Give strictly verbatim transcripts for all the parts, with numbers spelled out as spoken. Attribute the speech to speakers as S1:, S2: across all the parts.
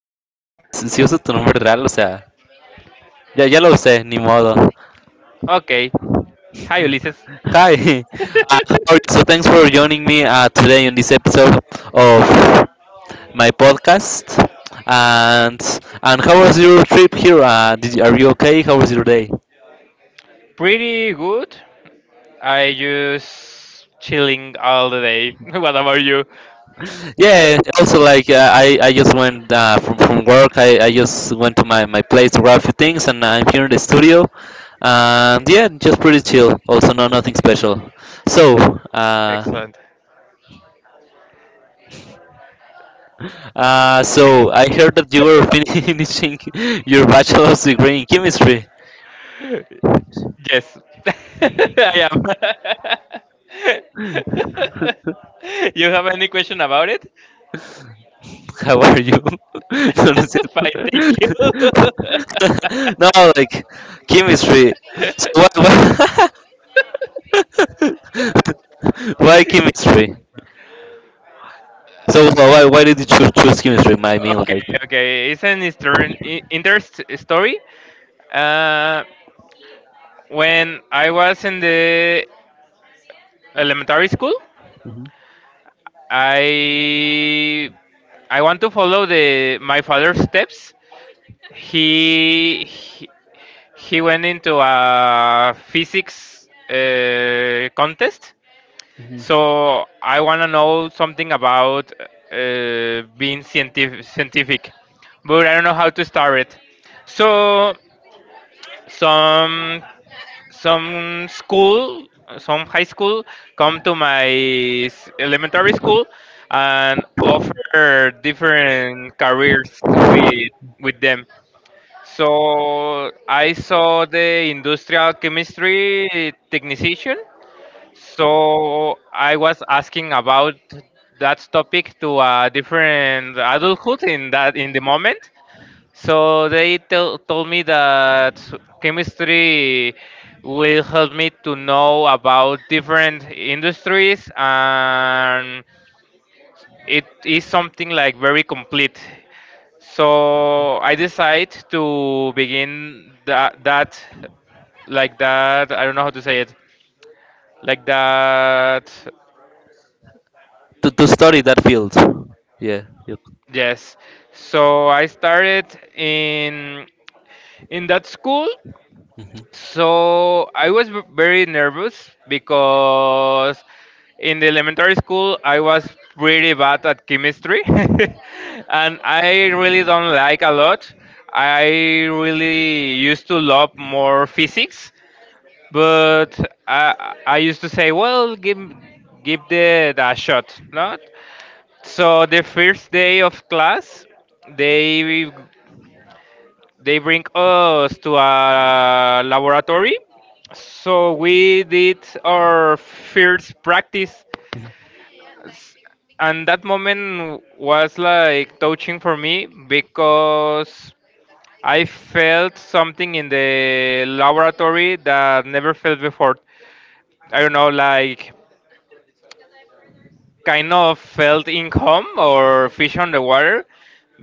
S1: Ah, si si uso tu nombre real, o sea, ya, ya lo usé, ni modo.
S2: Okay. Hi, Ulises.
S1: Hi. Uh, how are you? So thanks for joining me uh, today on this episode of my podcast. And and how was your trip here? Uh, did you, are you okay? How was your day?
S2: Pretty good. I just chilling all the day. What about you?
S1: Yeah, also like uh, I I just went uh, from from work. I, I just went to my, my place to grab a few things, and uh, I'm here in the studio. And yeah, just pretty chill. Also, no nothing special. So, uh,
S2: Excellent.
S1: uh, so I heard that you were fin- finishing your bachelor's degree in chemistry.
S2: Yes, I am. You have any question about it?
S1: How are you? No, no,
S2: Fine, thank you.
S1: no, like chemistry. So what, what- why chemistry? So wh- why why did you choose choose chemistry? I mean,
S2: Okay,
S1: like
S2: okay. It's an inter- interest story. Uh, when I was in the elementary school. I I want to follow the my father's steps. He he, he went into a physics uh, contest, so I want to know something about uh, being scientific, scientific, but I don't know how to start it. So some some school, some high school, come to my s- elementary school and offer different careers with with them. So I saw the industrial chemistry technician. So I was asking about that topic to a different adulthood in that in the moment, so they tell, told me that chemistry will help me to know about different industries and it is something like very complete. So I decide to begin that, that like that, I don't know how to say it, like that,
S1: to, to study that field. Yeah. You,
S2: yes. So I started in in that school.
S1: mhm.
S2: So I was v- very nervous because in the elementary school I was pretty bad at chemistry and I really don't like a lot. I really used to love more physics, but I, I used to say, well, give, give the, the shot, not? So the first day of class, they they bring us to a laboratory. So we did our first practice, and that moment was like touching for me because I felt something in the laboratory that never felt before. I don't know, like kind of felt in home or fish on the water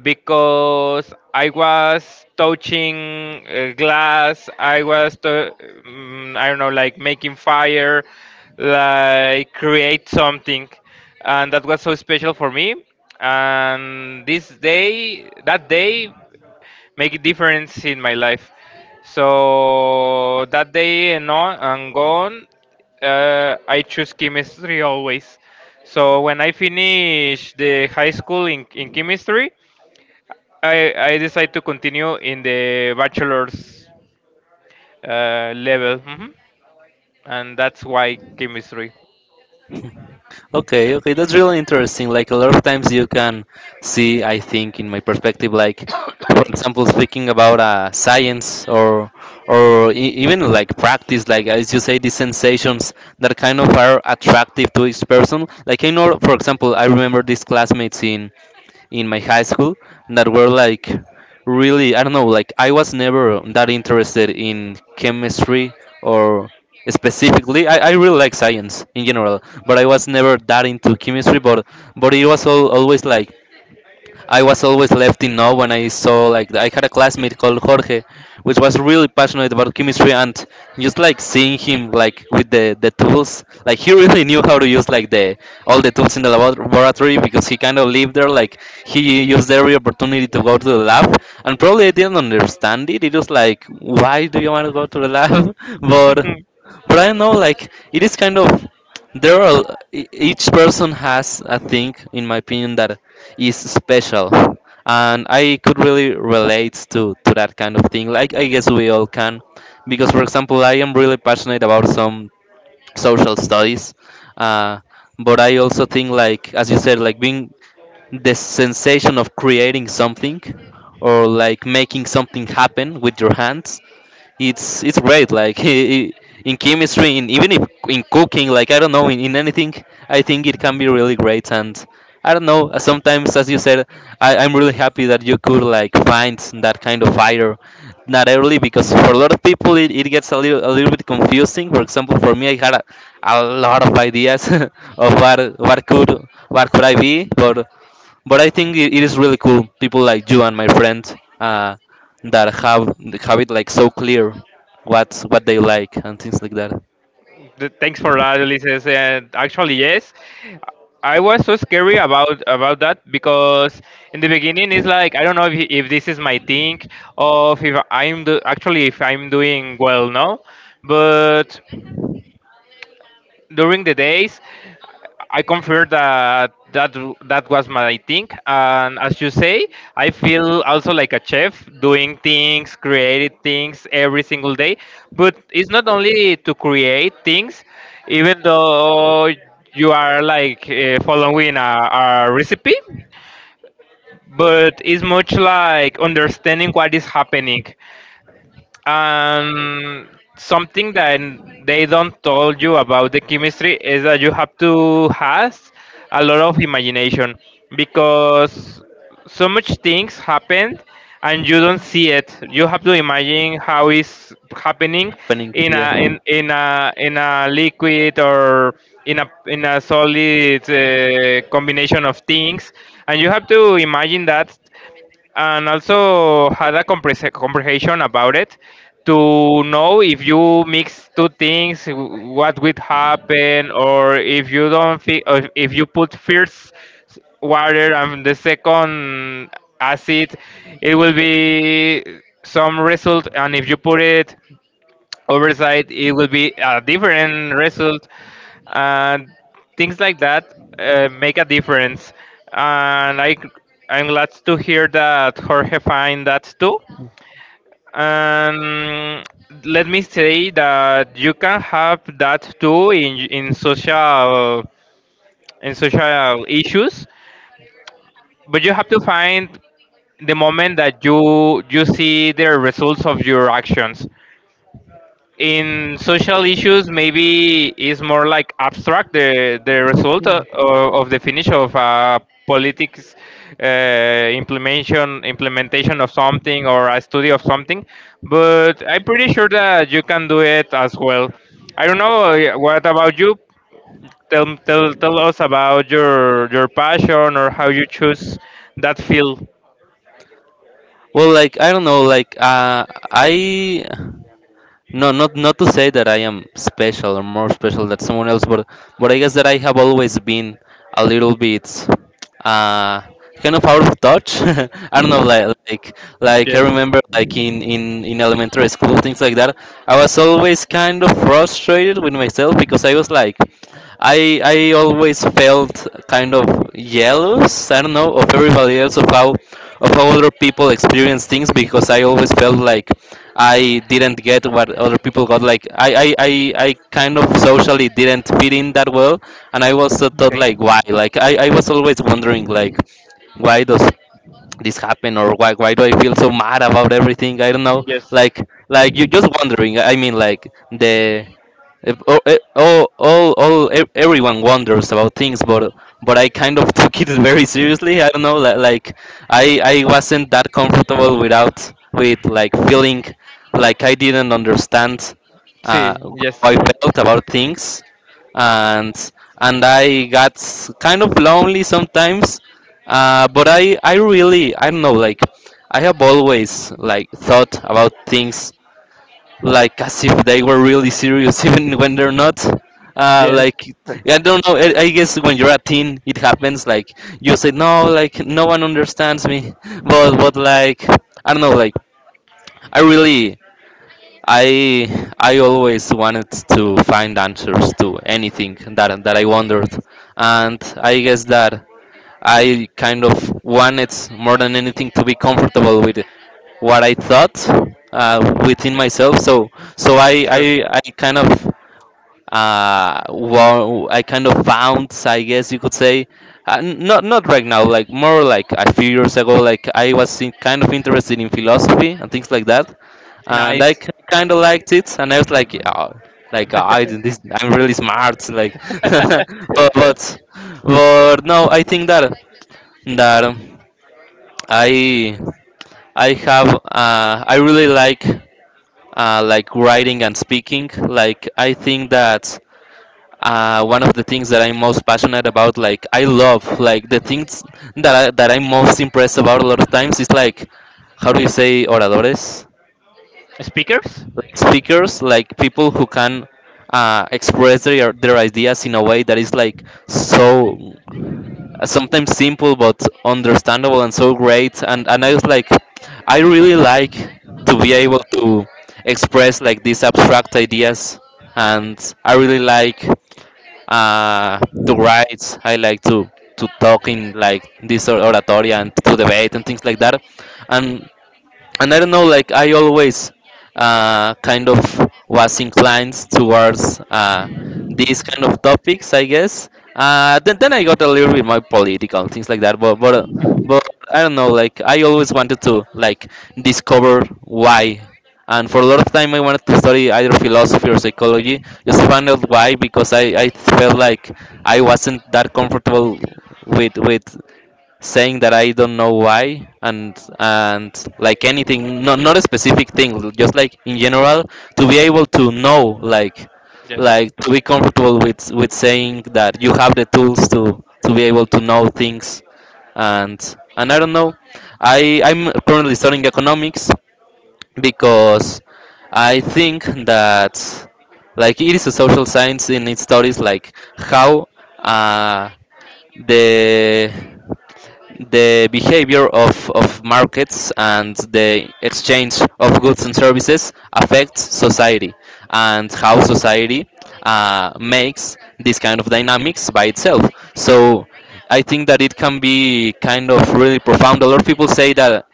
S2: because I was touching uh, glass, I was, to, mm, I don't know, like making fire, like create something. And that was so special for me. And this day, that day, make a difference in my life. So that day and on and gone, uh, I choose chemistry always. So when I finish the high school in, in chemistry, I, I decide to continue in the bachelor's uh, level, hmm and that's why chemistry.
S1: Okay. Okay. That's really interesting. Like a lot of times you can see, I think, in my perspective, like for example, speaking about uh, science or or e- even like practice, like as you say, these sensations that kind of are attractive to each person. Like I know, for example, I remember these classmates in my high school that were like really, I don't know, like I was never that interested in chemistry or, specifically, I, I really like science in general, but I was never that into chemistry, but but it was all, always like, I was always left in awe when I saw, like I had a classmate called Jorge, which was really passionate about chemistry, and just like seeing him, like with the the tools, like he really knew how to use, like the all the tools in the labo- laboratory because he kind of lived there. Like he used every opportunity to go to the lab, and probably I didn't understand it. It was like, why do you want to go to the lab? but but I don't know, like it is kind of, there are, e-, each person has a thing, in my opinion, that is special, and I could really relate to to that kind of thing, like I guess we all can. Because for example, I am really passionate about some social studies. uh, but I also think, like as you said, like being, the sensation of creating something or like making something happen with your hands, it's it's great, like in chemistry, in even if in cooking, like I don't know, in, in anything. I think it can be really great, and I don't know. Uh, sometimes, as you said, I, i'm really happy that you could like find that kind of fire, not early, because for a lot of people, it, it gets a little a little bit confusing. For example, for me, I had a, a lot of ideas of what what could what could I be, but but I think it, it is really cool, people like you and my friend, uh, that have have it like so clear what's what they like, and things like that.
S2: Th- thanks for that, Ulises. And actually, yes, I was so scary about about that because in the beginning it's like I don't know if, if this is my thing or if I'm do, actually if I'm doing well now, but during the days I confirm that that that was my thing, and as you say, I feel also like a chef doing things, creating things every single day. But it's not only to create things, even though you are like uh, following a, a recipe, but it's much like understanding what is happening. And something that they don't tell you about the chemistry is that you have to has a lot of imagination, because so much things happen and you don't see it, you have to imagine how is happening
S1: Happening
S2: in
S1: here.
S2: a in, in a in a liquid or in a in a solid uh, combination of things, and you have to imagine that and also had a comprehens- comprehension about it to know if you mix two things w- what would happen, or if you don't fi- or if you put first water and the second acid, it will be some result, and if you put it oversight, it will be a different result, and things like that uh, make a difference. And I, I'm glad to hear that Jorge find that too. And let me say that you can have that too in in social in social issues, but you have to find the moment that you you see the results of your actions. In social issues maybe is more like abstract the the result of, of the finish of a politics uh, implementation implementation of something or a study of something, but I'm pretty sure that you can do it as well. I don't know, uh, what about you, tell tell, tell us about your your passion or how you choose that field.
S1: Well, like I don't know, like uh I no, not not to say that I am special or more special than someone else, but but I guess that I have always been a little bit, uh kind of out of touch. I don't know, like like like I
S2: Yes.
S1: remember, like in in in elementary school, things like that. I was always kind of frustrated with myself because I was like, I I always felt kind of jealous. I don't know, of everybody else, of how, of how other people experience things, because I always felt like I didn't get what other people got. Like I I, I, I kind of socially didn't fit in that well, and I also thought,
S2: Okay.
S1: like, why? Like I, I was always wondering, like why does this happen, or why why do I feel so mad about everything? I don't know.
S2: Yes.
S1: Like, like you just wondering. I mean, like the if, oh, eh, all, all, all, e- everyone wonders about things, but but I kind of took it very seriously. I don't know, li- like I, I wasn't that comfortable without with like feeling like I didn't understand uh,
S2: See.
S1: how
S2: Yes.
S1: I felt about things, and and I got s- kind of lonely sometimes. Uh, but I, I really, I don't know, like I have always like thought about things like as if they were really serious, even when they're not. Uh,
S2: Yes.
S1: like I don't know. I, I guess when you're a teen, it happens. Like you say, no, like no one understands me. But but like I don't know. Like I really, I I always wanted to find answers to anything that that I wondered, and I guess that I kind of wanted more than anything to be comfortable with what I thought, uh, within myself. So so I
S2: Sure.
S1: I, I kind of, uh well, I kind of found, I guess you could say, uh, n- not not right now, like more like a few years ago, like I was in, kind of interested in philosophy and things like that, and I
S2: Nice.
S1: kind of liked it, and I was like, oh, like uh, I did this, I'm really smart, like but but but no, I think that that um, I I have, uh, I really like, uh, like writing and speaking. Like I think that, uh, one of the things that I'm most passionate about, like I love, like the things that I, that I'm most impressed about a lot of times, is like, how do you say, oradores,
S2: Speakers?
S1: like speakers, like people who can uh, express their their ideas in a way that is like so, uh, sometimes simple but understandable, and so great. And and I was like, I really like to be able to express like these abstract ideas, and I really like, uh, to write. I like to to talk in like this or- oratoria, and to debate, and things like that. And and I don't know, like I always, uh, kind of was inclined towards, uh, these kind of topics, I guess. Uh, then, then I got a little bit more political and things like that, but but uh, but I don't know, like I always wanted to, like, discover why. And for a lot of time, I wanted to study either philosophy or psychology. Just to find out why, because I, I felt like I wasn't that comfortable with with saying that I don't know why, and and like anything, not not a specific thing, just like in general, to be able to know, like,
S2: Yes.
S1: like to be comfortable with with saying that you have the tools to to be able to know things, and and I don't know. I I'm currently studying economics, because I think that, like, it is a social science in its studies, like how, uh, the the behavior of, of markets and the exchange of goods and services affects society, and how society uh, makes this kind of dynamics by itself. So I think that it can be kind of really profound. A lot of people say that,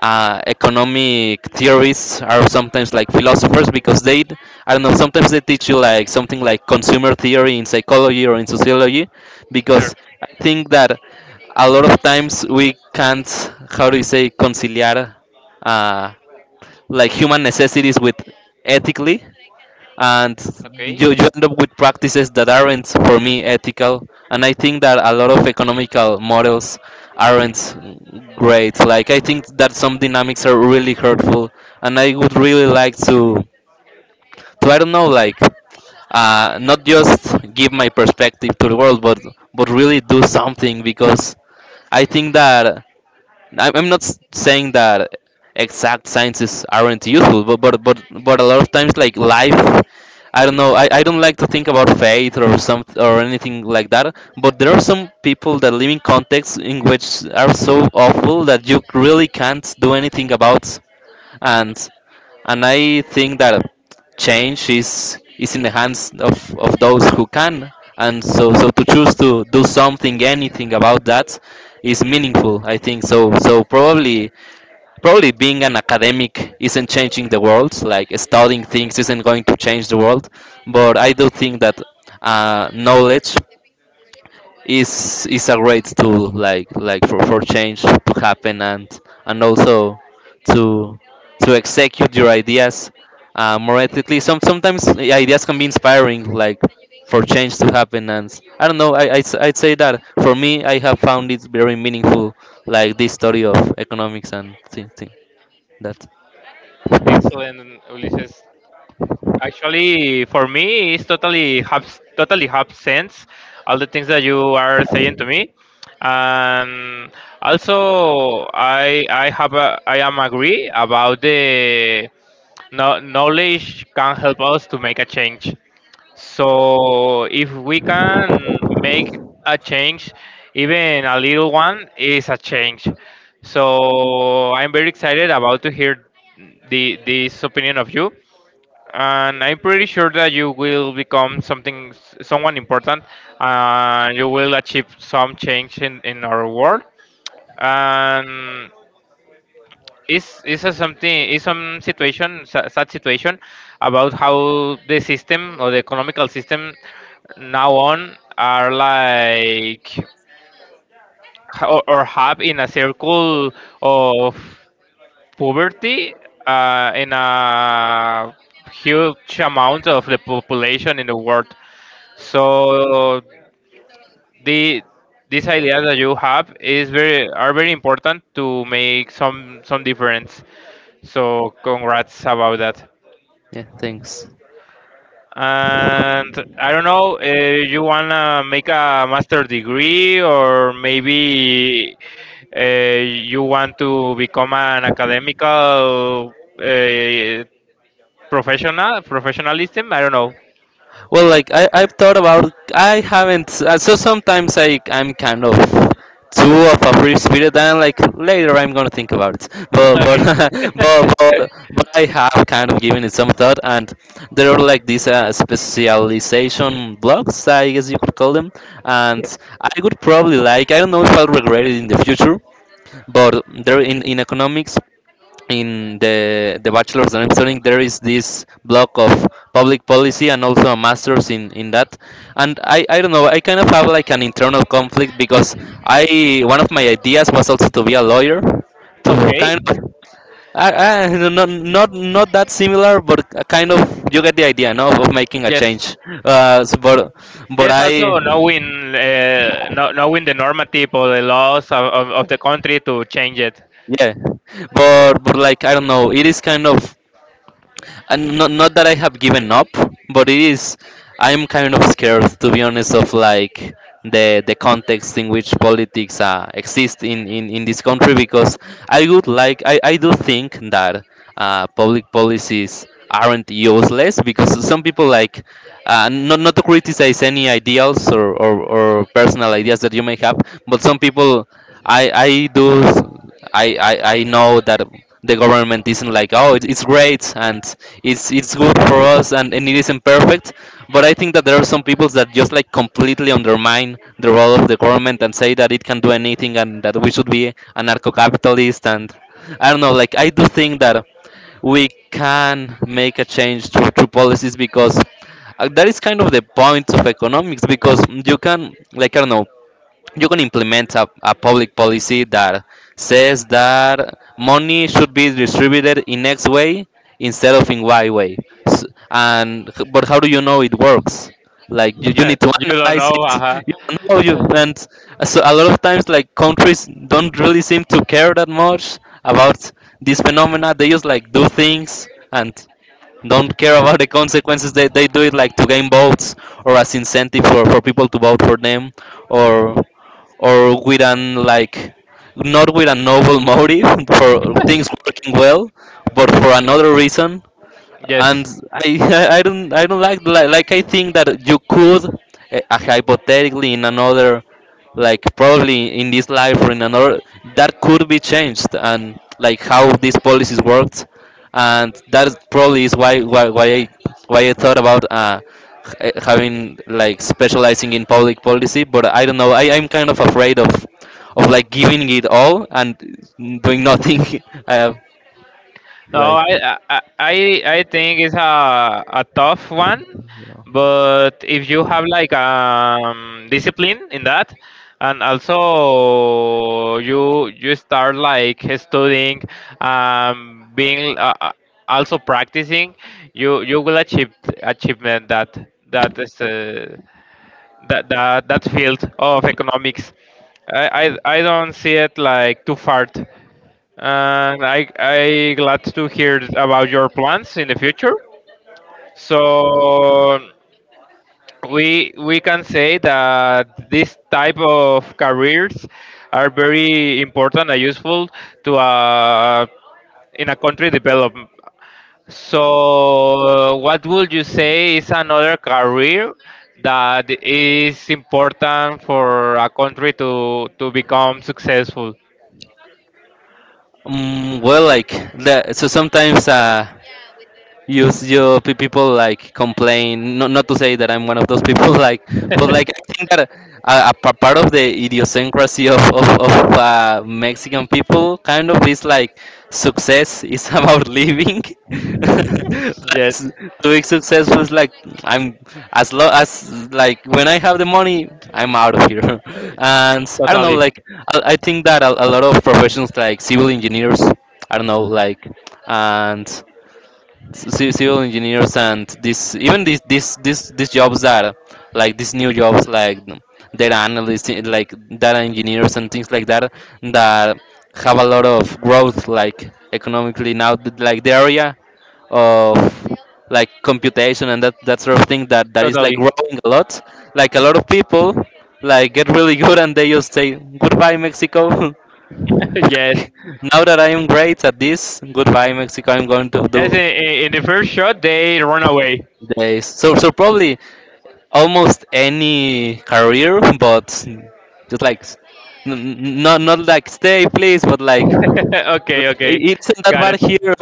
S1: uh, economic theorists are sometimes like philosophers, because they, d- I don't know, sometimes they teach you like something like consumer theory in psychology or in sociology,
S2: Sure.
S1: because I think that a lot of times we can't, how do you say, conciliar, uh, like human necessities with ethically, and
S2: Okay.
S1: you, you end up with practices that aren't, for me, ethical. And I think that a lot of economical models aren't great, like I think that some dynamics are really hurtful, and I would really like to, to I don't know, like, uh, not just give my perspective to the world, but but really do something, because I think that, I- I'm not, s- saying that exact sciences aren't useful, but but but, but a lot of times, like life, I don't know. I, I don't like to think about faith or some or anything like that. But there are some people that live in contexts in which are so awful that you really can't do anything about. And and I think that change is is in the hands of, of those who can, and so so to choose to do something, anything about that, is meaningful. I think so. So probably probably being an academic isn't changing the world. Like studying things isn't going to change the world, but I do think that uh, knowledge is is a great tool like like for, for change to happen and and also to to execute your ideas uh, more ethically. Some sometimes the ideas can be inspiring, like for change to happen, and I don't know. I, I'd, s- I'd say that for me I have found it very meaningful, like this study of economics and thing, thing, that.
S2: Excellent, Ulises. Actually, for me, it's totally have totally have sense all the things that you are saying to me, and also I I have a, I am agree about the no, knowledge can help us to make a change. So if we can make a change, even a little one is a change. So I'm very excited about to hear the this opinion of you, and I'm pretty sure that you will become something, s- someone important, and you will achieve some change in, in our world. And it's it's a something, it's some situation, sa- sad situation, about how the system or the economical system now on are like h- or, or have in a circle of poverty uh, in a huge amount of the population in the world. So the these ideas that you have is very are very important to make some some difference. So congrats about that.
S1: Yeah, thanks.
S2: And I don't know, uh, you wanna make a master degree, or maybe uh, you want to become an academical uh, professional professionalism. I don't know.
S1: Well, like I, I've thought about. I haven't. uh, So sometimes I, I'm kind of too of a free spirit, and like later I'm gonna think about it. But
S2: Okay.
S1: but but, but but I have kind of given it some thought, and there are like these uh, specialization blocks, I guess you could call them, and I would probably like. I don't know if I'll regret it in the future, but there in in economics, in the the bachelor's that I'm studying, there is this block of public policy and also a master's in in that. And I I don't know. I kind of have like an internal conflict because I, one of my ideas was also to be a lawyer, to
S2: Okay.
S1: kind of. I, I not not not that similar, but a kind of, you get the idea, no, of making a
S2: Yes.
S1: change. Uh, s- but but
S2: Yes,
S1: I
S2: also knowing uh, kno- knowing the normative or the laws of, of, of the country to change it.
S1: yeah, but but like I don't know. It is kind of, and not, not that I have given up, but it is, I'm kind of scared to be honest of like the the context in which politics uh, exist in, in in this country, because I would like, i, I do think that uh, public policies aren't useless. Because some people like, uh, not not to criticize any ideals or, or, or personal ideas that you may have, but some people, I I do, I, I, I know that the government isn't like, oh, it- it's great and it's it's good for us, and, and it isn't perfect, but I think that there are some people that just like completely undermine the role of the government and say that it can do anything and that we should be anarcho-capitalist, and I don't know. Like I do think that we can make a change through, through policies, because uh, that is kind of the point of economics. Because you can, like I don't know, you can implement a, a public policy that says that money should be distributed in x way instead of in y way. S, and but how do you know it works? Like you, you need to
S2: You don't
S1: analyze
S2: know,
S1: it.
S2: uh-huh.
S1: You don't know. You and so a lot of times like countries don't really seem to care that much about this phenomena. They just like do things and don't care about the consequences. They, they do it like to gain votes, or as incentive for, for people to vote for them, or or with an, like, not with a noble motive for things working well, but for another reason.
S2: Yes.
S1: And I, I don't I don't like, like, like I think that you could uh, hypothetically, in another, like, probably in this life or in another, that could be changed and like how these policies worked. And that is probably is why why, why I, why I thought about uh, h- having like specializing in public policy. But I don't know, I, I'm kind of afraid of of like giving it all and doing nothing. I have like.
S2: No, I I I I think it's a a tough one, but if you have like um discipline in that, and also you you start like studying, um being uh, uh, also practicing, you you will achieve achievement that that is uh, that that that field of economics. I, I I don't see it like too far, and I I glad to hear about your plans in the future. So we we can say that this type of careers are very important and useful to uh, in a country development. So what would you say is another career that is important for a country to to become successful?
S1: Mm, well, like that. So sometimes uh, use your pe- people like complain, not, not to say that I'm one of those people like, but like I think that a, a pa- part of the idiosyncrasy of, of, of uh, Mexican people kind of is like, success is about living like
S2: Yes.
S1: s-, doing successful is like, I'm as low as like when I have the money I'm out of here and I don't know,
S2: Totally.
S1: like i, I think that a, a lot of professions like civil engineers, I don't know, like, and ci- civil engineers, and this, even these, this this these jobs are like these new jobs like data analysts, eh, like data engineers and things like that that have a lot of growth, like economically now, th- like the area of like computation and that, that sort of thing, that that is like
S2: Totally.
S1: growing a lot. Like a lot of people like get really good and they just say, goodbye Mexico.
S2: Yes.
S1: Now that I am great at this, goodbye Mexico, I'm going to
S2: Yes,
S1: do
S2: in, in in the first shot, they run away.
S1: days. So so probably almost any career, but just like s- n- n- not not like stay please, but like
S2: Okay,
S1: like,
S2: okay.
S1: it isn't that
S2: Got
S1: bad
S2: it.
S1: here.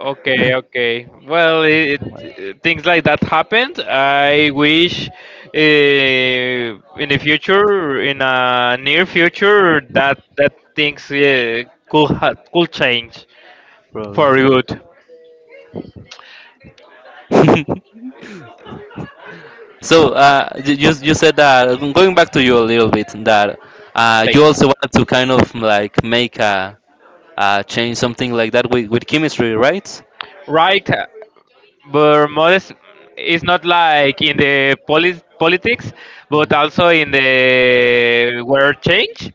S2: Okay, okay. Well, it, it, things like that happened. I wish uh, in the future, in a near future, that that things uh, could ha- could change
S1: Probably.
S2: for good.
S1: So uh, y- you you said that, going back to you a little bit, that uh, you
S2: Thanks.
S1: also wanted to kind of like make a, a change something like that with, with chemistry, right?
S2: Right. But Modest is not like in the poli- politics, but also in the world change.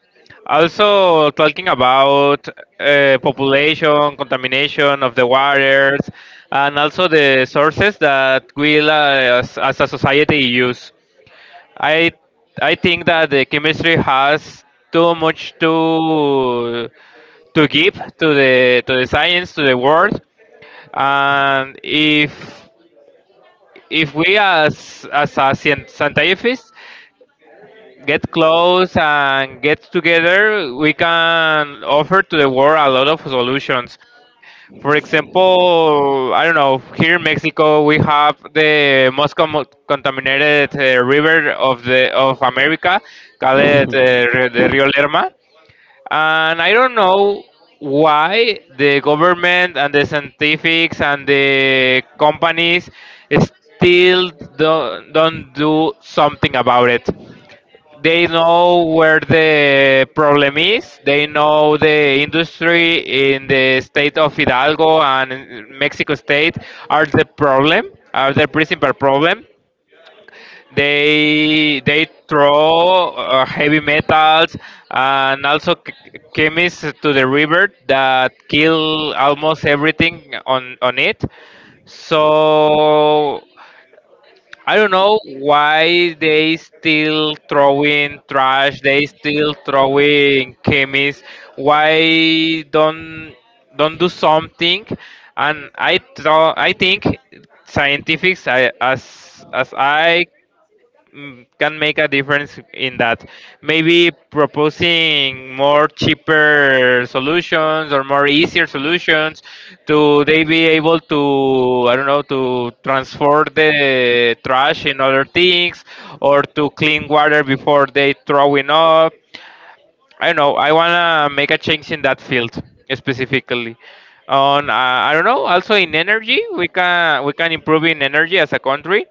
S2: Also talking about uh, population, contamination of the waters, and also the sources that we uh, as, as a society use. I I think that the chemistry has too much to to give to the to the science to the world, and if if we as as a scien- scientists get close and get together, we can offer to the world a lot of solutions. For example, I don't know, here in Mexico we have the most com- contaminated uh, river of the of America, called uh, Ri- the Rio Lerma. And I don't know why the government and the scientifics and the companies still don't, don't do something about it. They know where the problem is.
S1: They
S2: They
S1: know
S2: know the
S1: the street is
S2: industry in
S1: a
S2: the state of
S1: different world.
S2: Hidalgo and in Mexico
S1: They
S2: State
S1: are the
S2: are
S1: best.
S2: the
S1: They
S2: problem, are the
S1: they
S2: principal
S1: from the top of the
S2: problem.
S1: hill and they use
S2: they they
S1: the river to
S2: throw
S1: kill
S2: uh, heavy
S1: everything
S2: metals and also ch- chemists to the river that kill almost everything on
S1: on
S2: on it.
S1: it. So
S2: So I don't know why they still throwing
S1: from.
S2: trash, they still throwing chemists, why don't don't do something. And i thought I think scientists I, as as I, mm, can make a difference in that. Maybe proposing more cheaper solutions or more easier solutions to they be able to, I don't know, to transform the trash in other things, or to clean water before they throwing up. I don't know. I wanna make a change in that field specifically. On uh, I don't know. Also in energy, we can we can improve in energy as a country.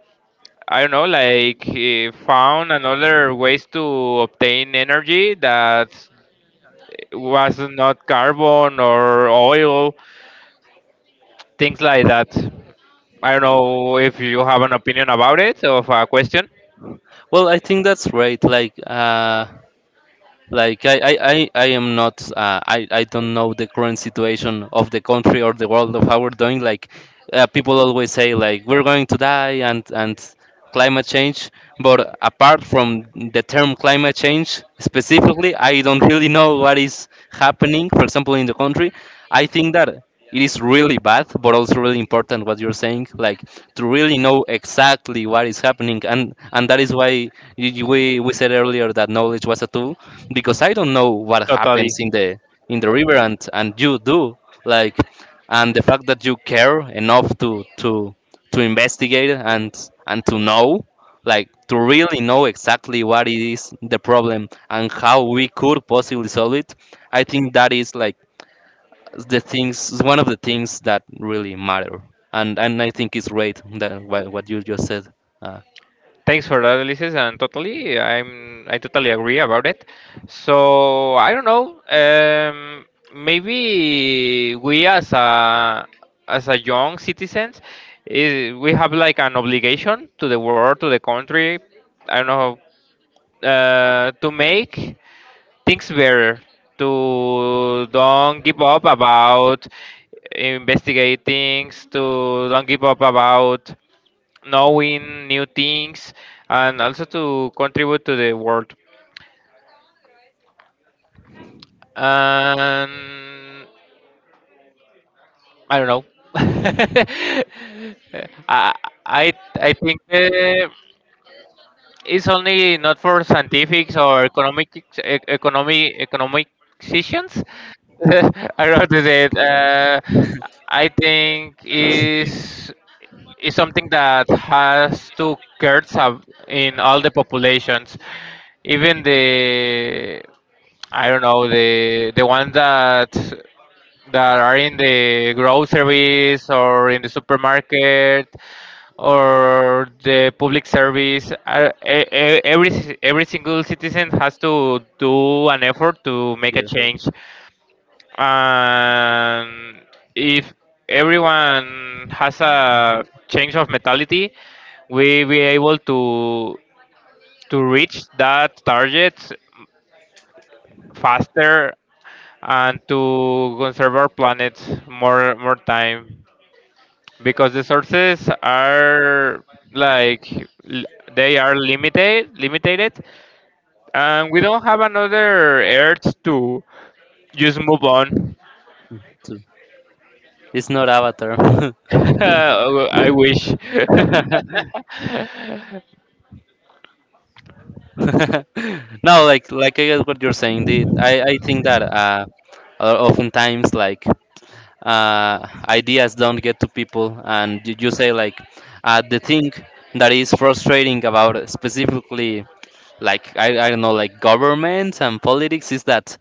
S2: I don't know, like he found another ways to obtain energy that was not carbon or oil, things like that. I don't know if you have an opinion about it or a question.
S1: Well, I think that's right. Like, uh, like i i i, I am not uh, i I don't know the current situation of the country or the world of how we're doing, like uh, people always say like we're going to die and and climate change. But apart from the term climate change specifically, I don't really know what is happening, for example, in the country. I think that it is really bad, but also really important what you're saying, like to really know exactly what is happening. and and that is why y- y- we we said earlier that knowledge was a tool, because I don't know what
S2: Totally.
S1: happens in the, in the river, and and you do, like, and the fact that you care enough to to to investigate and and to know, like to really know exactly what is the problem and how we could possibly solve it. I think that is like the things, one of the things that really matter. and and I think it's great that what what you just said, uh,
S2: Thanks for that, Ulysses, and totally, I'm I totally agree about it. So I don't know. Um, maybe we as a as a young citizens, eh, we have like an obligation to the world, to the country. I don't know, uh, to make things better. To don't give up about investigate things. To don't give up about knowing new things, and also to contribute to the world. And I don't know. I I I think uh, it's only not for scientifics or economic e- economy economic decisions. I don't know how to say it. Uh, I think is is something that has to curse up in all the populations, even the I don't know the the one that that are in the groceries or in the supermarket or the public service. Are- e- e- every ci- every single citizen has to do an effort to make a
S1: yeah,
S2: change, and if everyone has a change of mentality, we be able to to reach that target faster and to conserve our planet more more time, because the sources are like l- they are limited, limited, and we don't have another Earth to just move on.
S1: too. It's not Avatar.
S2: I wish.
S1: No, like like I guess what you're saying. The, I I think that uh, o- oftentimes, like uh, ideas don't get to people, and you, you say like, uh, the thing that is frustrating about specifically, like I, I don't know, like governments and politics, is that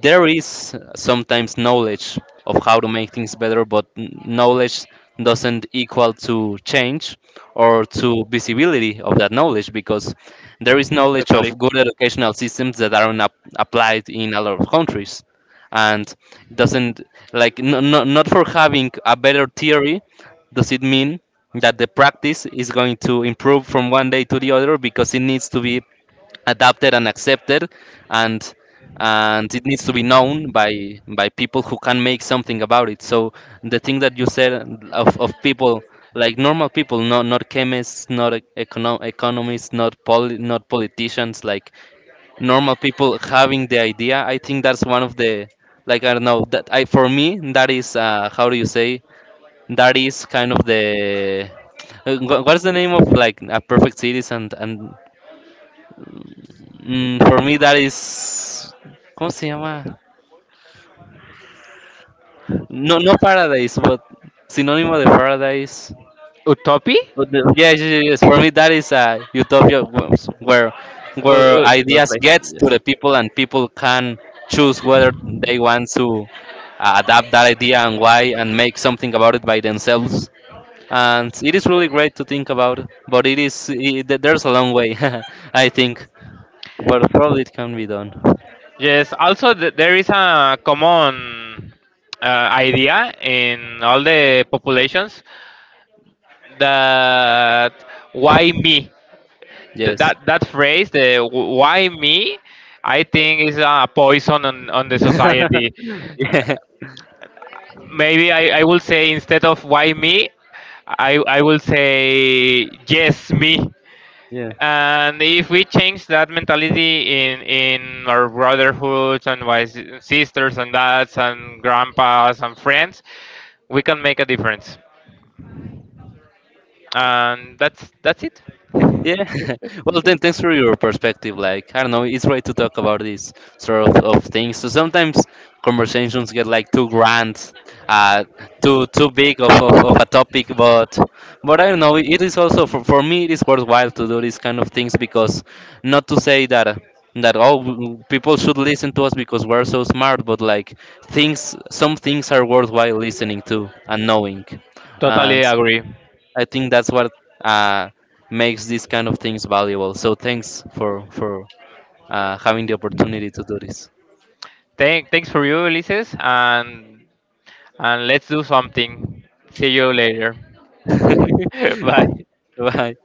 S1: there is sometimes knowledge of how to make things better, but n- knowledge doesn't equal to change, or to visibility of that knowledge, because there is knowledge
S2: Totally.
S1: of good educational systems that aren't ap- applied in a lot of countries, and doesn't, like, no, no, not for having a better theory does it mean that the practice is going to improve from one day to the other, because it needs to be adapted and accepted, and and it needs to be known by by people who can make something about it. So the thing that you said of, of people, like normal people, not not chemists, not e- econo- economists, not poli- not politicians, like normal people having the idea, I think that's one of the, like I don't know, that I for me, that is uh, how do you say, that is kind of the uh, wha- what's the name of like a perfect citizen, and, Mm, for me that is, ¿cómo se llama? No, no Paradise, but sinónimo de Paradise.
S2: Utopi?
S1: But the- yeah, yes, yes, yes. For me, that is a utopia wh- where
S2: Uh,
S1: where
S2: uh, to
S1: ideas get to
S2: replace,
S1: the people and people can choose whether
S2: yes.
S1: they want to uh, adapt that idea and why and make something about it by themselves. And it is really great to think about, but it is it, there's a long way, I think. But probably it can be done.
S2: Yes, also th- there is a common uh, idea in all the populations that why me? Th-
S1: Yes.
S2: that that phrase, the wh- why me, I think is a poison on, on the society.
S1: Yeah.
S2: Maybe I, I will say instead of why me, I, I will say yes me.
S1: Yeah,
S2: And if we change that mentality in in our brotherhoods and wise sisters and dads and grandpas and friends, we can make a difference. And that's that's it.
S1: yeah. Well, then thanks for your perspective. Like I don't know, it's right to talk about these sort of, of things, so sometimes conversations get like too grand, uh too too big of, of, of a topic. but but I don't know, it is also for, for me it is worthwhile to do these kind of things, because not to say that uh, that, oh, w- people should listen to us because we're so smart, but like, things, some things are worthwhile listening to and knowing.
S2: Totally
S1: And
S2: agree.
S1: I think that's what uh, makes these kind of things valuable. So thanks for for uh, having the opportunity to do this.
S2: Thank, thanks for you, Ulises, and and let's do something. See you later. Bye.
S1: Bye.